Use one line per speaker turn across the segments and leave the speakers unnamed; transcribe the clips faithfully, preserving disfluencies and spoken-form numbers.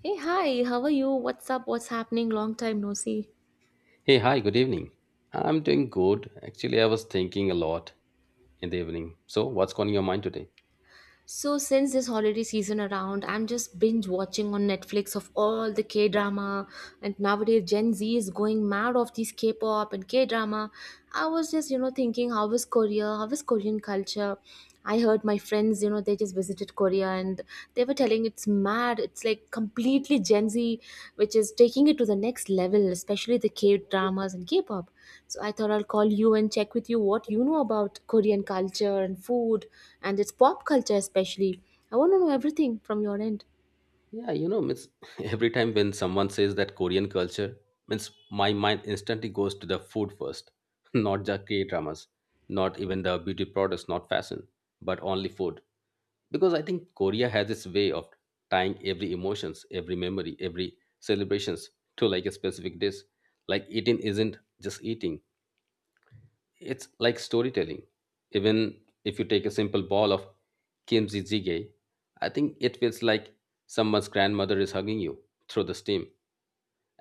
Hey, hi, how are you? What's up? What's happening? Long time no see.
Hey, hi, good evening. I'm doing good. Actually, I was thinking a lot in the evening. So, what's on your mind today?
So, since this holiday season around, I'm just binge watching on Netflix of all the K drama. And nowadays, Gen Z is going mad of these K pop and K drama. I was just, you know, thinking, how is Korea? How is Korean culture? I heard my friends, you know, they just visited Korea and and they were telling it's mad, it's like completely Gen Z, which is taking it to the next level, especially the K dramas and K-pop. So I thought I'll call you and check with you what you know about Korean culture and food, and its pop culture especially. I want to know everything from your end.
Yeah, you know, means every time when someone says that Korean culture, means my mind instantly goes to the food first, not the K-dramas, not even the beauty products, not fashion, but only food. Because I think Korea has its way of tying every emotions, every memory, every celebrations to like a specific dish. Like eating isn't just eating. It's like storytelling. Even if you take a simple ball of kimchi jjigae, I think it feels like someone's grandmother is hugging you through the steam.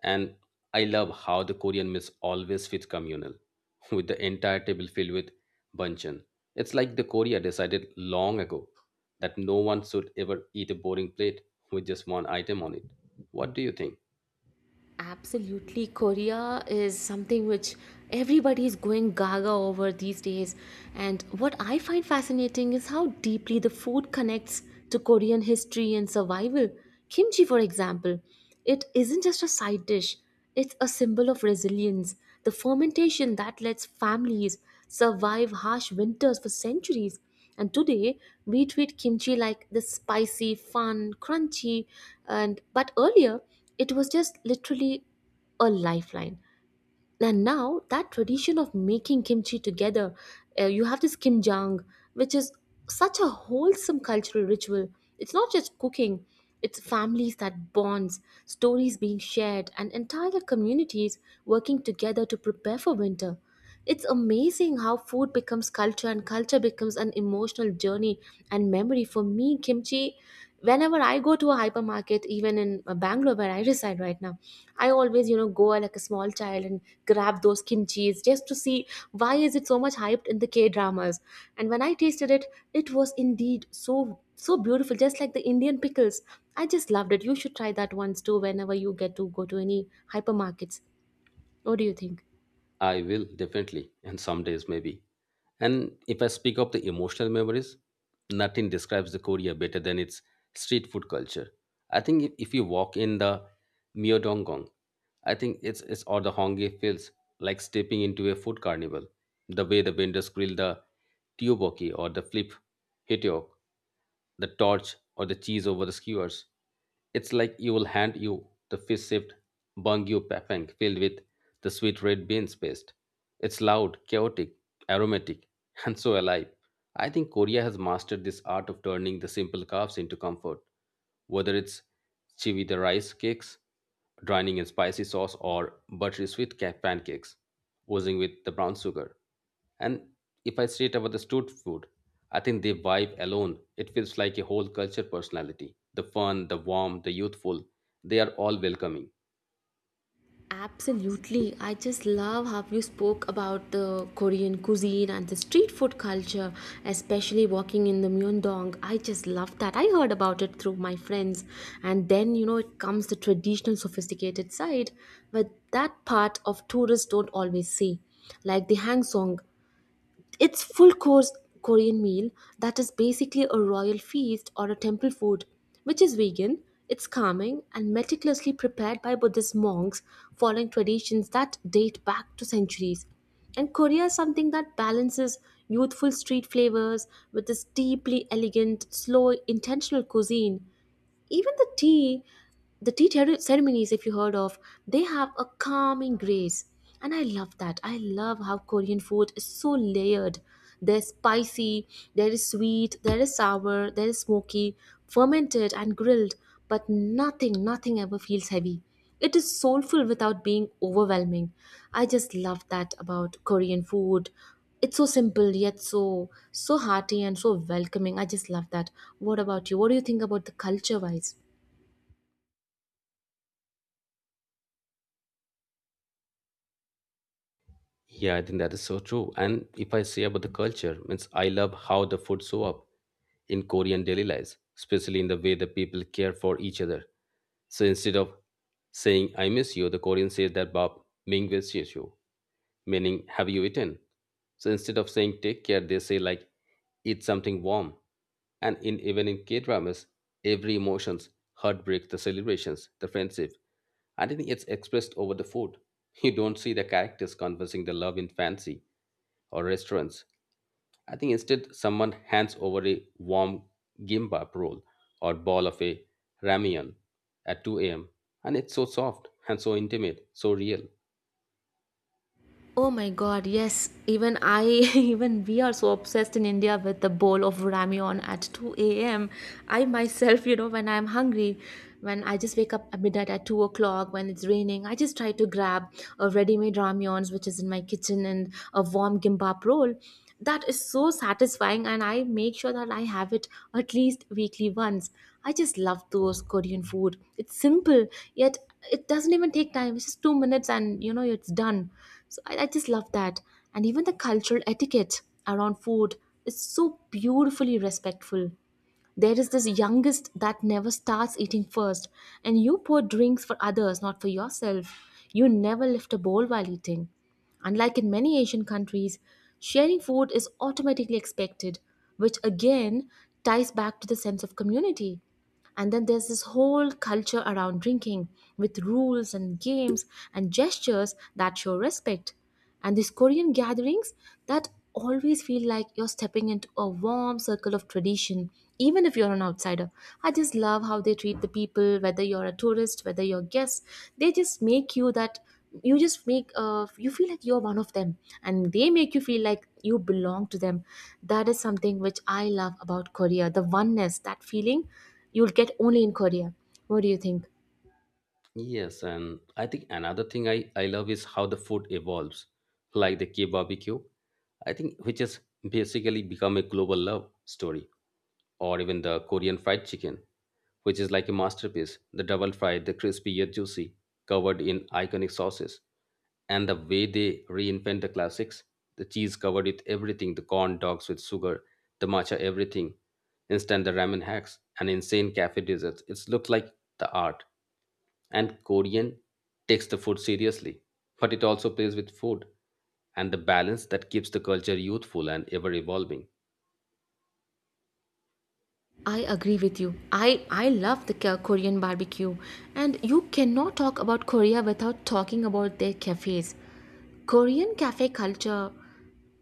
And I love how the Korean meals always feels communal, with the entire table filled with banchan. It's like the Korea decided long ago that no one should ever eat a boring plate with just one item on it. What do you think?
Absolutely, Korea is something which everybody is going gaga over these days. And what I find fascinating is how deeply the food connects to Korean history and survival. Kimchi, for example, it isn't just a side dish, it's a symbol of resilience, the fermentation that lets families survive harsh winters for centuries. And today, we treat kimchi like this spicy, fun, crunchy, and but earlier, it was just literally a lifeline. And now that tradition of making kimchi together, uh, you have this kimjang, which is such a wholesome cultural ritual. It's not just cooking, it's families that bonds, stories being shared and entire communities working together to prepare for winter. It's amazing how food becomes culture and culture becomes an emotional journey and memory. For me, kimchi, whenever I go to a hypermarket even in uh, Bangalore where I reside right now, I always, you know, go like a small child and grab those kimchis just to see why is it so much hyped in the K dramas. And when I tasted it, it was indeed so so beautiful, just like the Indian pickles. I just loved it. You should try that once too whenever you get to go to any hypermarkets. What do you think?
I will definitely, and some days maybe. And if I speak of the emotional memories, nothing describes the Korea better than its street food culture. I think if, if you walk in the Myeodongong. I think it's, it's or the hongi feels like stepping into a food carnival. The way the vendors grill the tteokbokki or the flip hitiok, the torch or the cheese over the skewers. It's like you will hand you the fish shaped bangyu papang filled with the sweet red beans paste. It's loud, chaotic, aromatic, and so alive. I think Korea has mastered this art of turning the simple carbs into comfort, whether it's chibi the rice cakes, drowning in spicy sauce, or buttery sweet ca- pancakes, oozing with the brown sugar. And if I say it about the street food, I think they vibe alone. It feels like a whole culture personality. The fun, the warm, the youthful, they are all welcoming.
Absolutely. I just love how you spoke about the Korean cuisine and the street food culture, especially walking in the Myeongdong. I just love that. I heard about it through my friends. And then, you know, it comes the traditional sophisticated side, but that part of tourists don't always see. Like the Hangsong, it's full course Korean meal that is basically a royal feast or a temple food, which is vegan. It's calming and meticulously prepared by Buddhist monks following traditions that date back to centuries. And Korea is something that balances youthful street flavors with this deeply elegant, slow, intentional cuisine. Even the tea, the tea ter- ceremonies, if you heard of, they have a calming grace. And I love that. I love how Korean food is so layered. There's spicy, there is sweet, there is sour, there is smoky, fermented and grilled, but nothing, nothing ever feels heavy. It is soulful without being overwhelming. I just love that about Korean food. It's so simple yet so so hearty and so welcoming. I just love that. What about you? What do you think about the culture wise?
Yeah, I think that is so true. And if I say about the culture, means I love how the food show up in Korean daily lives, especially in the way the people care for each other. So instead of saying I miss you, the Korean says that Bob mingwesies you, meaning have you eaten? So instead of saying take care, they say like eat something warm. And in even in K dramas, every emotions, heartbreak, the celebrations, the friendship, I think it's expressed over the food. You don't see the characters conversing their love in fancy or restaurants. I think instead someone hands over a warm gimbap roll or ball of a ramyeon at two a m and it's so soft and so intimate, so real.
Oh my god, yes. Even I, even we are so obsessed in India with the bowl of ramyeon at two a m. I myself, you know, when I'm hungry, when I just wake up at midnight at two o'clock, when it's raining, I just try to grab a ready made ramyeons which is in my kitchen, and a warm gimbap roll. That is so satisfying, and I make sure that I have it at least weekly once. I just love those Korean food. It's simple, yet it doesn't even take time, it's just two minutes and you know it's done. So i, I just love that. And even the cultural etiquette around food is so beautifully respectful. There is this youngest that never starts eating first, and you pour drinks for others, not for yourself. You never lift a bowl while eating. Unlike in many Asian countries, sharing food is automatically expected, which again ties back to the sense of community. And then there's this whole culture around drinking with rules and games and gestures that show respect. And these Korean gatherings that always feel like you're stepping into a warm circle of tradition, even if you're an outsider. I just love how they treat the people, whether you're a tourist, whether you're a guest. They just make you that you just make uh, you feel like you're one of them, and they make you feel like you belong to them. That is something which I love about Korea, the oneness, that feeling you'll get only in Korea. What do you think?
Yes, and I think another thing I, I love is how the food evolves, like the K barbecue. I think which has basically become a global love story. Or even the Korean fried chicken, which is like a masterpiece. The double fried, the crispy yet juicy, covered in iconic sauces. And the way they reinvent the classics, the cheese covered with everything, the corn dogs with sugar, the matcha everything, instant the ramen hacks, and insane cafe desserts. It's looked like the art. And Korean takes the food seriously, but it also plays with food and the balance that keeps the culture youthful and ever evolving.
I agree with you. I, I love the K- Korean barbecue, and you cannot talk about Korea without talking about their cafes. Korean cafe culture,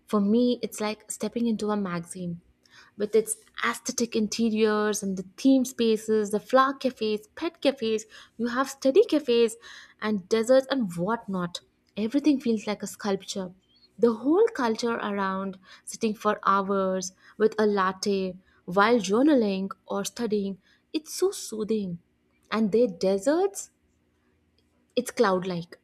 for me, it's like stepping into a magazine. With its aesthetic interiors and the theme spaces, the flower cafes, pet cafes, you have study cafes and deserts and whatnot. Everything feels like a sculpture. The whole culture around sitting for hours with a latte while journaling or studying, it's so soothing. And their deserts, it's cloud like.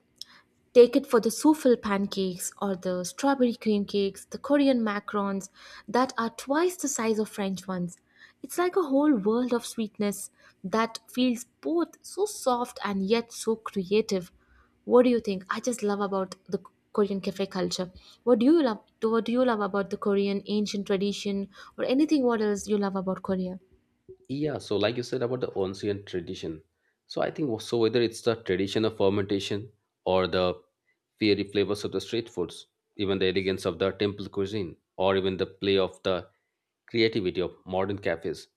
Take it for the souffle pancakes or the strawberry cream cakes, the Korean macarons that are twice the size of French ones. It's like a whole world of sweetness that feels both so soft and yet so creative. What do you think? I just love about the Korean cafe culture. What do you love? What do you love about the Korean ancient tradition, or anything? What else you love about Korea?
Yeah, so like you said about the ancient tradition, so I think so whether it's the tradition of fermentation or the fiery flavors of the street foods, even the elegance of the temple cuisine, or even the play of the creativity of modern cafes,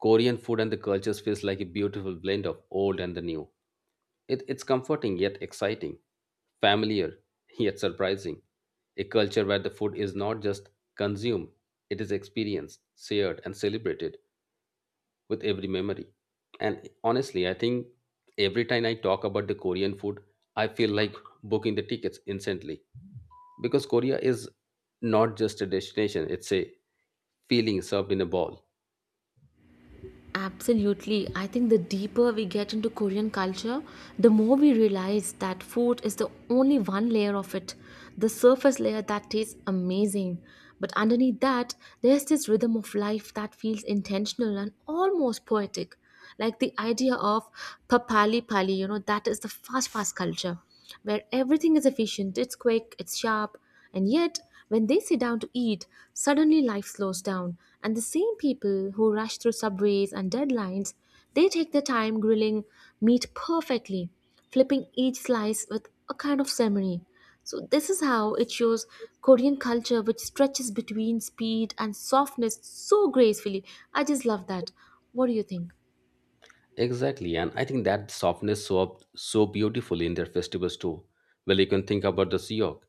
Korean food and the cultures feels like a beautiful blend of old and the new. It, it's comforting yet exciting, familiar yet surprising. A culture where the food is not just consumed, it is experienced, shared, and celebrated with every memory. And honestly, I think every time I talk about the Korean food, I feel like booking the tickets instantly because Korea is not just a destination, it's a feeling served in a bowl.
Absolutely. I think the deeper we get into Korean culture, the more we realize that food is the only one layer of it, the surface layer that tastes amazing. But underneath that, there's this rhythm of life that feels intentional and almost poetic, like the idea of papali pali, you know that is the fast fast culture where everything is efficient, it's quick, it's sharp. And yet when they sit down to eat, suddenly life slows down, and the same people who rush through subways and deadlines, they take their time grilling meat perfectly, flipping each slice with a kind of ceremony. So this is how it shows Korean culture, which stretches between speed and softness so gracefully. I just love that. What do you think?
Exactly, and I think that softness show up so beautifully in their festivals too. Well, you can think about the Siok,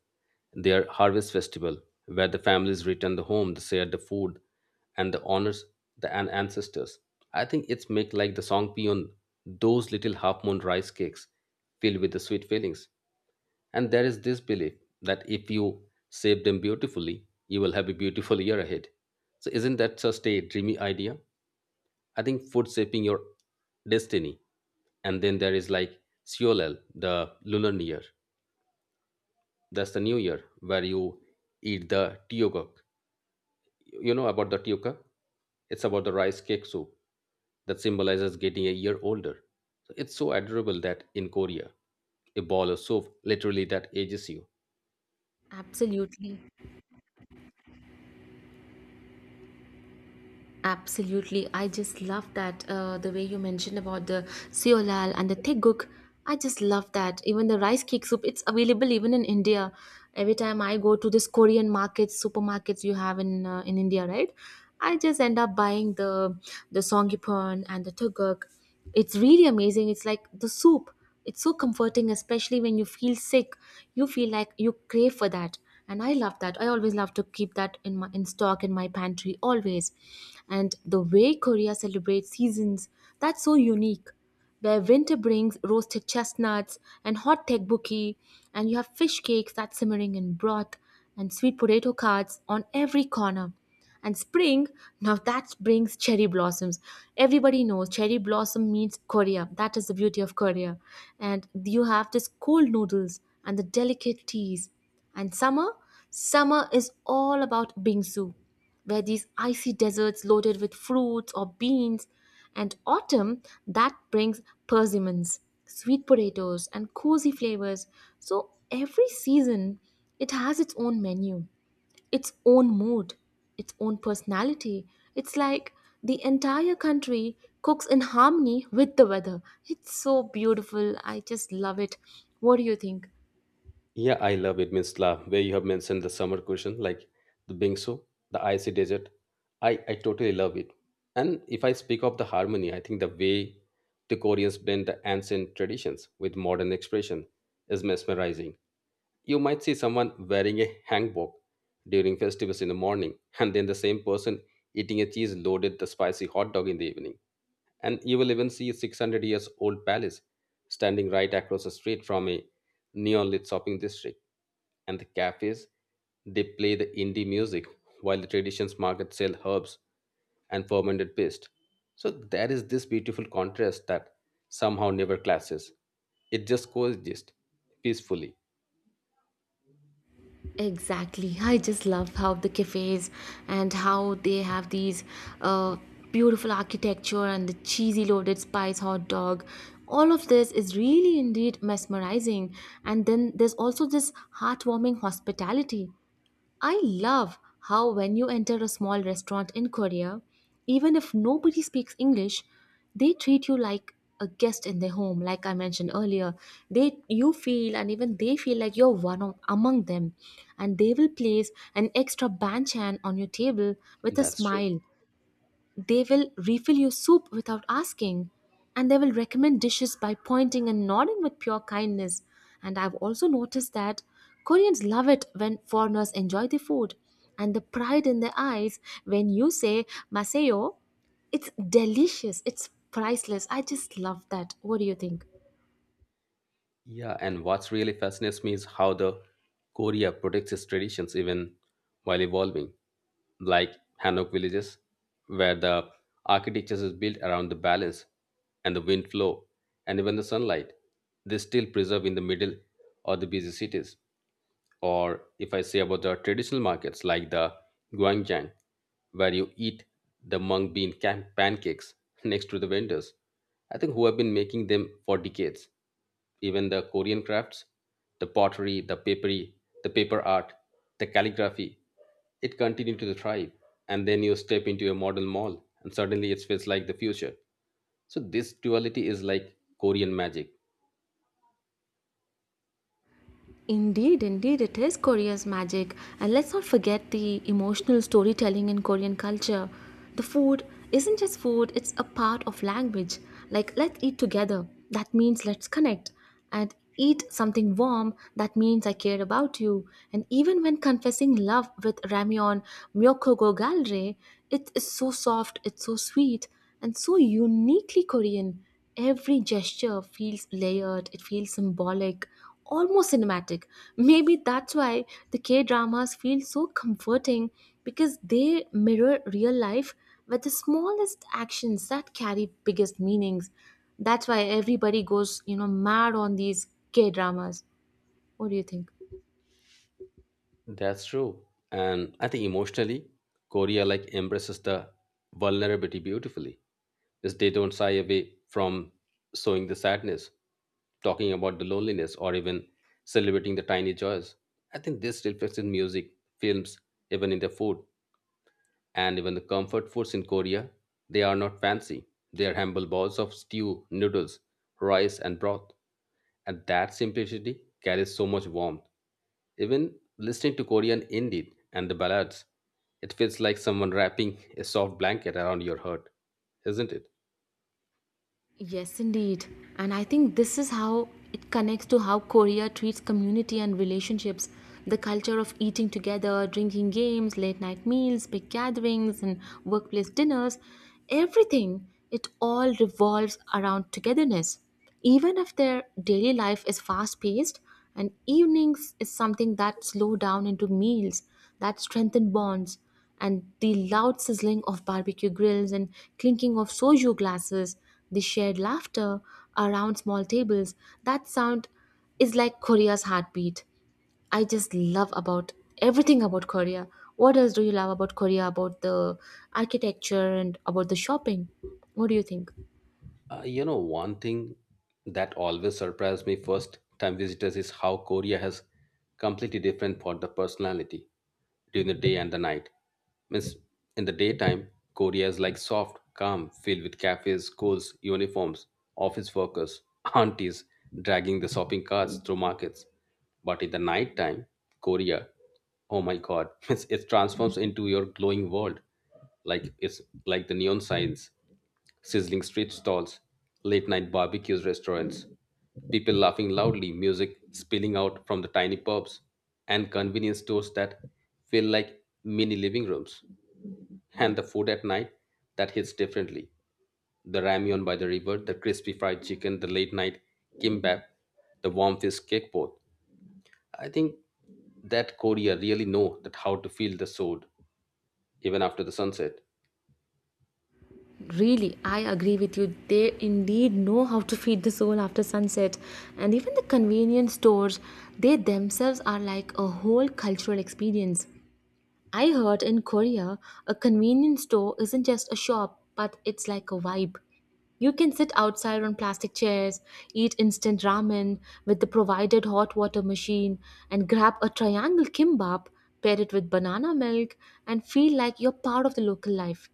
their harvest festival, where the families return the home, they share the food, and the honors the an- ancestors. I think it's make like the songpyeon, those little half moon rice cakes filled with the sweet feelings. And there is this belief that if you save them beautifully, you will have a beautiful year ahead. So isn't that just a dreamy idea? I think food shaping your destiny. And then there is like Seolel, the lunar new year. That's the new year where you eat the tteokguk. You know about the tteokguk? It's about the rice cake soup that symbolizes getting a year older. So it's so adorable that in Korea, a ball of soup literally that ages you.
Absolutely, absolutely. I just love that uh, the way you mentioned about the seolal and the teguk. I just love that. Even the rice cake soup, it's available even in India. Every time I go to this Korean markets, supermarkets you have in uh, in India, right? I just end up buying the the songipon and the teguk. It's really amazing. It's like the soup. It's so comforting, especially when you feel sick. You feel like you crave for that. And I love that. I always love to keep that in my in stock in my pantry always. And the way Korea celebrates seasons, that's so unique, where winter brings roasted chestnuts and hot tteokbokki, and you have fish cakes that's simmering in broth and sweet potato cards on every corner. And spring, now that brings cherry blossoms. Everybody knows cherry blossom means Korea. That is the beauty of Korea. And you have this cold noodles and the delicate teas. And summer, summer is all about bingsu, where these icy deserts loaded with fruits or beans. And autumn, that brings persimmons, sweet potatoes, and cozy flavors. So every season, it has its own menu, its own mood, its own personality. It's like the entire country cooks in harmony with the weather. It's so beautiful. I just love it. What do you think?
Yeah, I love it, Miss La, where you have mentioned the summer cuisine, like the bingsu, the icy desert. I, I totally love it. And if I speak of the harmony, I think the way the Koreans blend the ancient traditions with modern expression is mesmerizing. You might see someone wearing a hanbok during festivals in the morning, and then the same person eating a cheese loaded the spicy hot dog in the evening. And you will even see a six hundred years old palace standing right across the street from a neon lit shopping district, and the cafes they play the indie music while the traditions market sell herbs and fermented paste. So there is this beautiful contrast that somehow never clashes, it just coexists peacefully.
Exactly. I just love how the cafes and how they have these uh, beautiful architecture and the cheesy loaded spice hot dog. All of this is really indeed mesmerizing. And then there's also this heartwarming hospitality. I love how when you enter a small restaurant in Korea, even if nobody speaks English, they treat you like a guest in their home, like I mentioned earlier. They you feel, and even they feel like you're one of, among them, and they will place an extra banchan on your table with a
That's true.
smile. They will refill your soup without asking, and they will recommend dishes by pointing and nodding with pure kindness. And I've also noticed that Koreans love it when foreigners enjoy the food, and the pride in their eyes when you say "masayo," it's delicious, it's priceless. I just love that. What do you think?
Yeah, and what's really fascinates me is how the Korea protects its traditions even while evolving, like Hanok villages, where the architecture is built around the balance and the wind flow and even the sunlight. They still preserve in the middle of the busy cities. Or if I say about the traditional markets like the Guangjiang, where you eat the mung bean can- pancakes next to the vendors, I think who have been making them for decades. Even the Korean crafts, the pottery, the papery, the paper art, the calligraphy, it continued to thrive. And then you step into a modern mall, and suddenly it feels like the future. So this duality is like Korean magic.
Indeed, indeed, it is Korea's magic. And let's not forget the emotional storytelling in Korean culture. The food isn't just food, it's a part of language. Like, let's eat together. That means let's connect. And eat something warm. That means I care about you. And even when confessing love with ramyeon, myokogo galre, it is so soft, it's so sweet, and so uniquely Korean. Every gesture feels layered, it feels symbolic, almost cinematic. Maybe that's why the K dramas feel so comforting because they mirror real life with the smallest actions that carry biggest meanings. That's why everybody goes, you know, mad on these K dramas. What do you think?
That's true. And I think emotionally, Korea like embraces the vulnerability beautifully. Because they don't shy away from showing the sadness, talking about the loneliness, or even celebrating the tiny joys. I think this reflects in music, films, even in the food, and even the comfort foods in Korea. They are not fancy. They are humble bowls of stew, noodles, rice, and broth. And that simplicity carries so much warmth. Even listening to Korean indie and the ballads, it feels like someone wrapping a soft blanket around your heart, isn't it?
Yes, indeed. And I think this is how it connects to how Korea treats community and relationships. The culture of eating together, drinking games, late night meals, big gatherings, and workplace dinners, everything, it all revolves around togetherness even if their daily life is fast paced and evenings is something that slow down into meals that strengthen bonds and the loud sizzling of barbecue grills and clinking of soju glasses, the shared laughter around small tables, that sound is like Korea's heartbeat. I just love about everything about Korea. What else do you love about Korea? About the architecture and about the shopping? What do you think?
Uh, you know, one thing that always surprised me first time visitors is how Korea has completely different for the personality during the day and the night. Means in the daytime, Korea is like soft, calm, filled with cafes, schools, uniforms, office workers, aunties dragging the shopping carts through markets. But in the night time, Korea, oh my god, it's, it transforms into your glowing world. Like it's like the neon signs sizzling street stalls, late night barbecues, restaurants, people laughing loudly, music spilling out from the tiny pubs, and convenience stores that feel like mini living rooms. And the food at night that hits differently the ramyeon by the river, the crispy fried chicken, the late night kimbap, the warm fish cake both. I think that Korea really know that how to feel the soul even after the sunset.
Really, I agree with you. They indeed know how to feed the soul after sunset. And even the convenience stores, they themselves are like a whole cultural experience. I heard in Korea, a convenience store isn't just a shop, but it's like a vibe. You can sit outside on plastic chairs, eat instant ramen with the provided hot water machine, and grab a triangle kimbap, pair it with banana milk, and feel like you're part of the local life.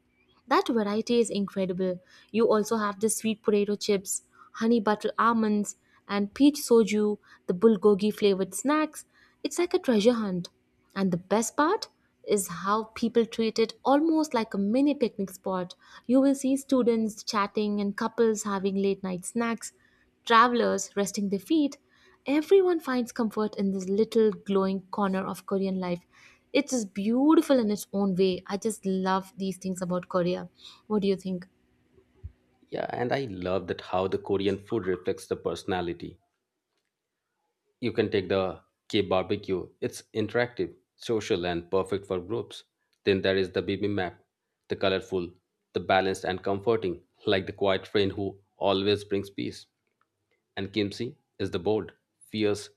That variety is incredible. You also have the sweet potato chips, honey butter almonds, and peach soju, the bulgogi flavored snacks. It's like a treasure hunt. And the best part is how people treat it almost like a mini picnic spot. You will see students chatting and couples having late night snacks. Travelers resting their feet, everyone finds comfort in this little glowing corner of Korean life. It is beautiful in its own way. I just love these things about Korea. What do you think?
Yeah, and I love that how the Korean food reflects the personality. You can take the K barbecue. It's interactive, social, and perfect for groups. Then there is the B B map, the colorful, the balanced, and comforting, like the quiet friend who always brings peace. And Kimsey is the bold, fierce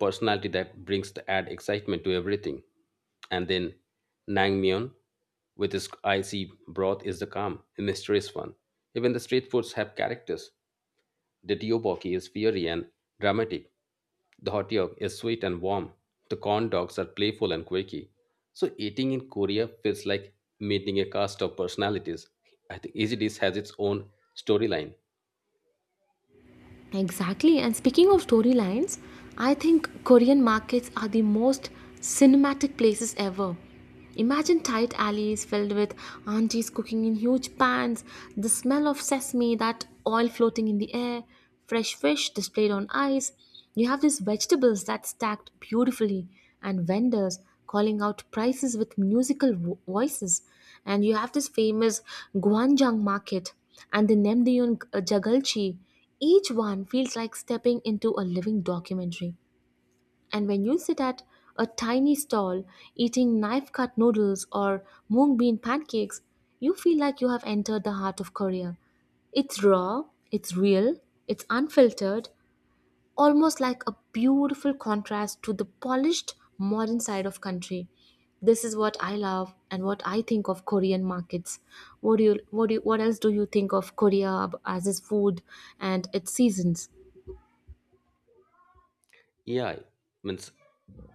personality that brings the add excitement to everything. And then Nangmyeon, with its icy broth, is the calm, mysterious one. Even the street foods have characters. The tteokbokki is fiery and dramatic. The hotteok is sweet and warm. The corn dogs are playful and quirky. So eating in Korea feels like meeting a cast of personalities. I think each dish has its own storyline.
Exactly. And speaking of storylines, I think Korean markets are the most cinematic places ever. Imagine tight alleys filled with aunties cooking in huge pans, the smell of sesame, that oil floating in the air, fresh fish displayed on ice. You have these vegetables that stacked beautifully, and vendors calling out prices with musical vo- voices. And you have this famous Gwangjang market and the Namdeon Jagalchi, each one feels like stepping into a living documentary. And when you sit at a tiny stall eating knife cut noodles or mung bean pancakes, you feel like you have entered the heart of Korea. It's raw, it's real, it's unfiltered, almost like a beautiful contrast to the polished modern side of country. This is what I love and what I think of Korean markets. What do you what do you, what else do you think of Korea as its food and its seasons?
Yeah, I- means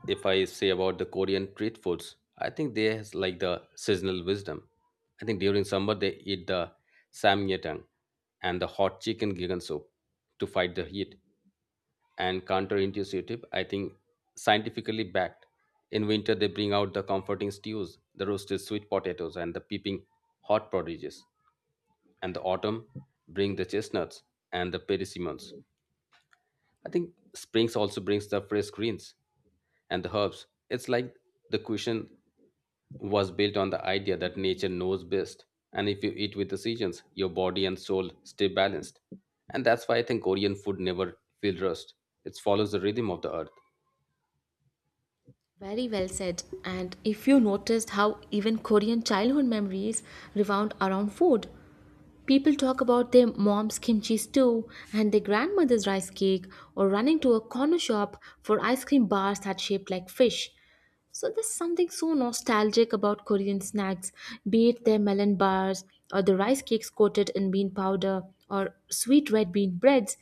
if I say about the Korean street foods, I think they has like the seasonal wisdom. I think during summer they eat the samgyetang and the hot chicken gigan soup to fight the heat. And counterintuitive, I think scientifically backed. In winter, they bring out the comforting stews, the roasted sweet potatoes, and the peeping hot prodigies. And the autumn bring the chestnuts and the persimmons. I think springs also brings the fresh greens and the herbs. It's like the cushion was built on the idea that nature knows best. And if you eat with the seasons, your body and soul stay balanced. And that's why I think Korean food never feels rushed. It follows the rhythm of the earth.
Very well said. And if you noticed how even Korean childhood memories revolve around food, people talk about their mom's kimchi stew and their grandmother's rice cake, or running to a corner shop for ice cream bars that shaped like fish. So there's something so nostalgic about Korean snacks, be it their melon bars or the rice cakes coated in bean powder or sweet red bean breads,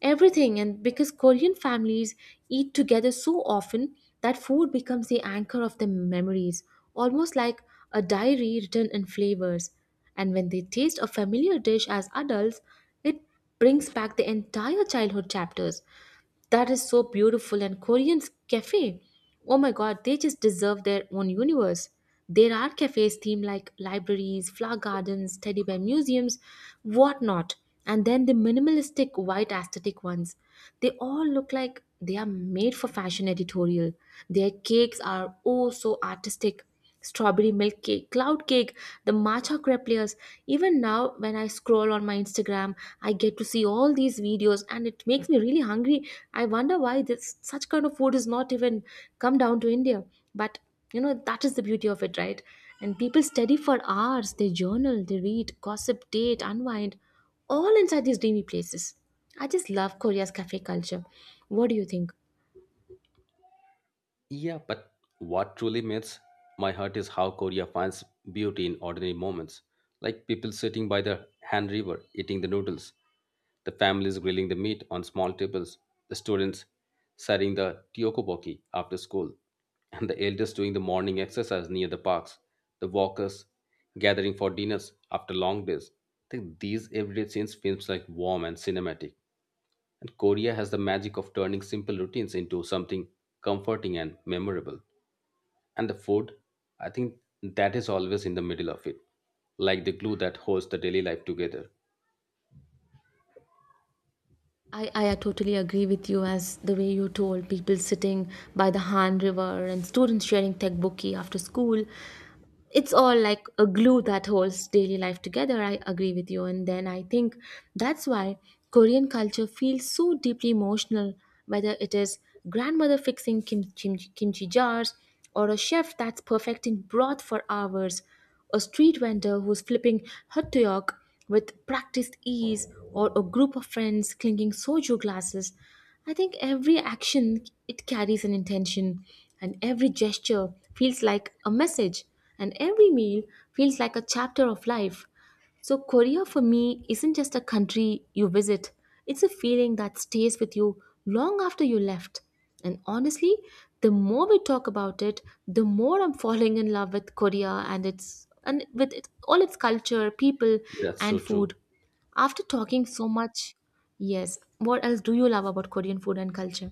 everything. And because Korean families eat together so often, that food becomes the anchor of their memories, almost like a diary written in flavors. And when they taste a familiar dish as adults, it brings back the entire childhood chapters. That is so beautiful. And Korean's cafe, oh my god, they just deserve their own universe. There are cafes themed like libraries, flower gardens, teddy bear museums, whatnot. And then the minimalistic white aesthetic ones. They all look like they are made for fashion editorial. Their cakes are oh so artistic, strawberry milk cake, cloud cake, the matcha crepe layers. Even now, when I scroll on my Instagram, I get to see all these videos, and it makes me really hungry. I wonder why this such kind of food is not even come down to India. But you know that is the beauty of it, right? And people study for hours. They journal, they read, gossip, date, unwind, all inside these dreamy places. I just love Korea's cafe culture. What do you think?
Yeah, but what truly melts my heart is how Korea finds beauty in ordinary moments, like people sitting by the Han River eating the noodles, the families grilling the meat on small tables, the students setting the tiokoboki after school, and the elders doing the morning exercise near the parks, the walkers gathering for dinners after long days. I think these everyday scenes feels like warm and cinematic. And Korea has the magic of turning simple routines into something comforting and memorable. And the food, I think that is always in the middle of it, like the glue that holds the daily life together.
I, I totally agree with you as the way you told people sitting by the Han River and students sharing tekbokki after school. It's all like a glue that holds daily life together. I agree with you. And then I think that's why Korean culture feels so deeply emotional, whether it is grandmother fixing kim- kim- kimchi jars or a chef that's perfecting broth for hours, a street vendor who's flipping hot york with practiced ease, or a group of friends clinking soju glasses. I think every action it carries an intention, and every gesture feels like a message, and every meal feels like a chapter of life. So, Korea for me isn't just a country you visit, it's a feeling that stays with you long after you left. And honestly, the more we talk about it, the more I'm falling in love with Korea and its and with it, all its culture, people,
That's
and
so true.
food. After talking so much, yes, what else do you love about Korean food and culture?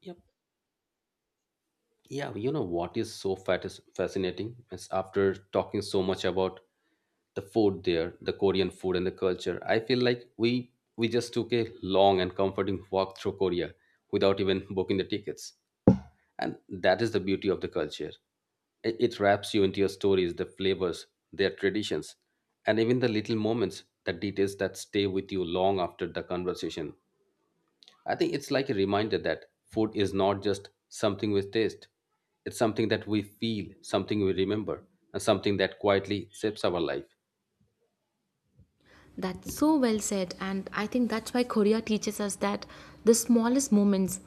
Yep. Yeah, you know what is so fat is fascinating is after talking so much about the food there, the Korean food and the culture, I feel like we we just took a long and comforting walk through Korea without even booking the tickets. And that is the beauty of the culture. I- It wraps you into your stories, the flavors, their traditions, and even the little moments, the details that stay with you long after the conversation. I think it's like a reminder that food is not just something we taste, it's something that we feel, something we remember, and something that quietly shapes our life.
That's so well said. And I think that's why Korea teaches us that the smallest moments,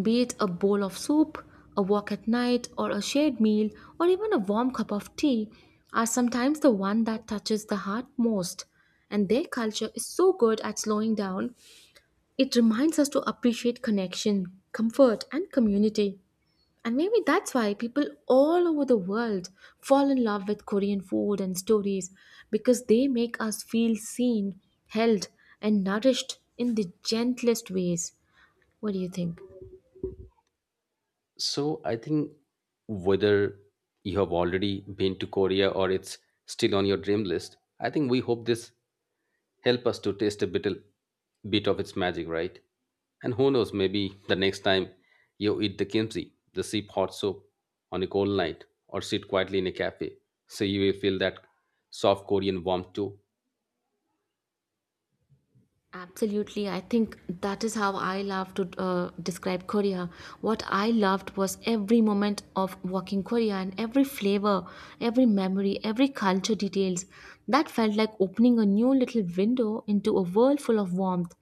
be it a bowl of soup, a walk at night, or a shared meal, or even a warm cup of tea, are sometimes the one that touches the heart most. And their culture is so good at slowing down, it reminds us to appreciate connection, comfort, and community. And maybe that's why people all over the world fall in love with Korean food and stories because they make us feel seen, held, and nourished in the gentlest ways. What do you think?
So I think whether you have already been to Korea or it's still on your dream list, I think we hope this help us to taste a bit, bit of its magic, right? And who knows, maybe the next time you eat the kimchi, the sip hot soup on a cold night, or sit quietly in a cafe, so you will feel that soft Korean warmth too.
Absolutely. I think that is how I love to uh, describe Korea. What I loved was every moment of walking Korea and every flavor, every memory, every culture details. That felt like opening a new little window into a world full of warmth.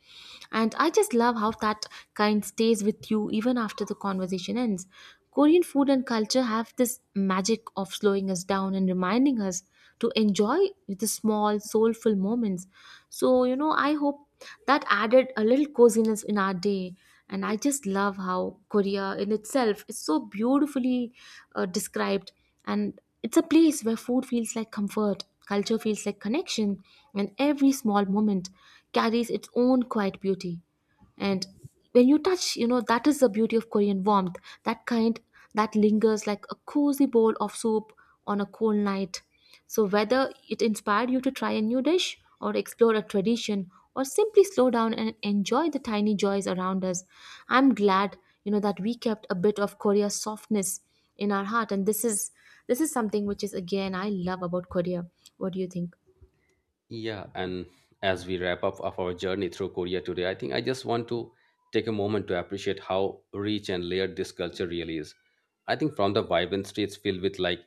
And I just love how that kind stays with you even after the conversation ends. Korean food and culture have this magic of slowing us down and reminding us to enjoy the small, soulful moments. So, you know, I hope that added a little coziness in our day. And I just love how Korea in itself is so beautifully uh, described, and it's a place where food feels like comfort, culture feels like connection, and every small moment carries its own quiet beauty. And when you touch, you know that is the beauty of Korean warmth, that kind that lingers like a cozy bowl of soup on a cold night. So whether it inspired you to try a new dish or explore a tradition, or simply slow down and enjoy the tiny joys around us, I'm glad, you know that we kept a bit of Korea's softness in our heart. And this is this is something which is again I love about Korea. What do you think?
Yeah, and as we wrap up of our journey through Korea today, I think I just want to take a moment to appreciate how rich and layered this culture really is. I think from the vibrant streets filled with like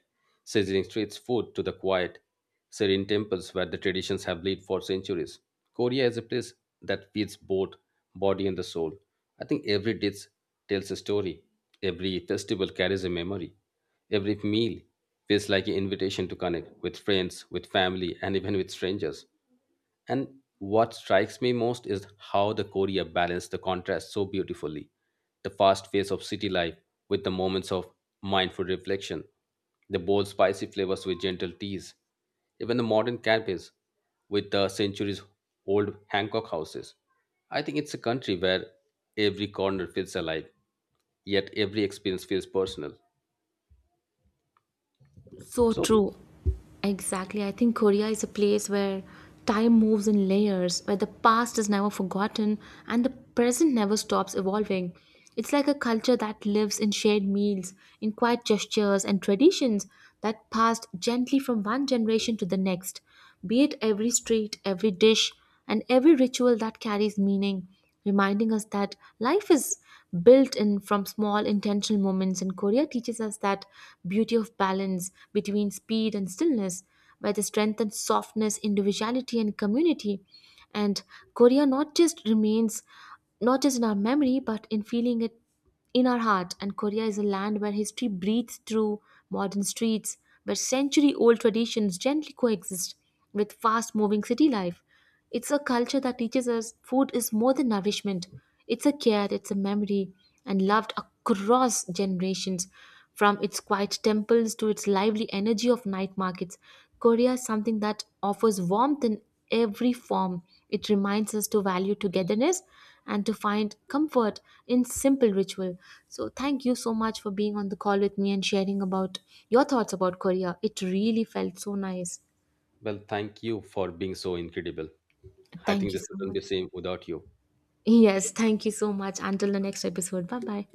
sizzling streets food to the quiet, serene temples where the traditions have lived for centuries, Korea is a place that feeds both body and the soul. I think every dish tells a story. Every festival carries a memory. Every meal feels like an invitation to connect with friends, with family, and even with strangers. And what strikes me most is how the Korea balanced the contrast so beautifully the fast pace of city life with the moments of mindful reflection, the bold, spicy flavors with gentle teas, even the modern cafes with the centuries old Hancock houses. I think it's a country where every corner feels alive yet every experience feels personal.
So
So
true. Exactly. I think Korea is a place where time moves in layers, where the past is never forgotten and the present never stops evolving. It's like a culture that lives in shared meals, in quiet gestures and traditions that passed gently from one generation to the next. Be it every street, every dish, and every ritual that carries meaning, reminding us that life is built in from small intentional moments. And Korea teaches us that beauty of balance between speed and stillness, by the strength and softness, individuality, and community. And Korea not just remains, not just in our memory, but in feeling it in our heart. And Korea is a land where history breathes through modern streets, where century old traditions gently coexist with fast moving city life. It's a culture that teaches us food is more than nourishment, it's a care, it's a memory, and loved across generations. From its quiet temples to its lively energy of night markets, Korea is something that offers warmth in every form. It reminds us to value togetherness and to find comfort in simple ritual. So, thank you so much for being on the call with me and sharing about your thoughts about Korea. It really felt so nice.
well, thank you for being so incredible. I
Thank
think
you
this
so
wouldn't be the
much.
same without you.
Yes, thank you so much. Until the next episode. Bye bye.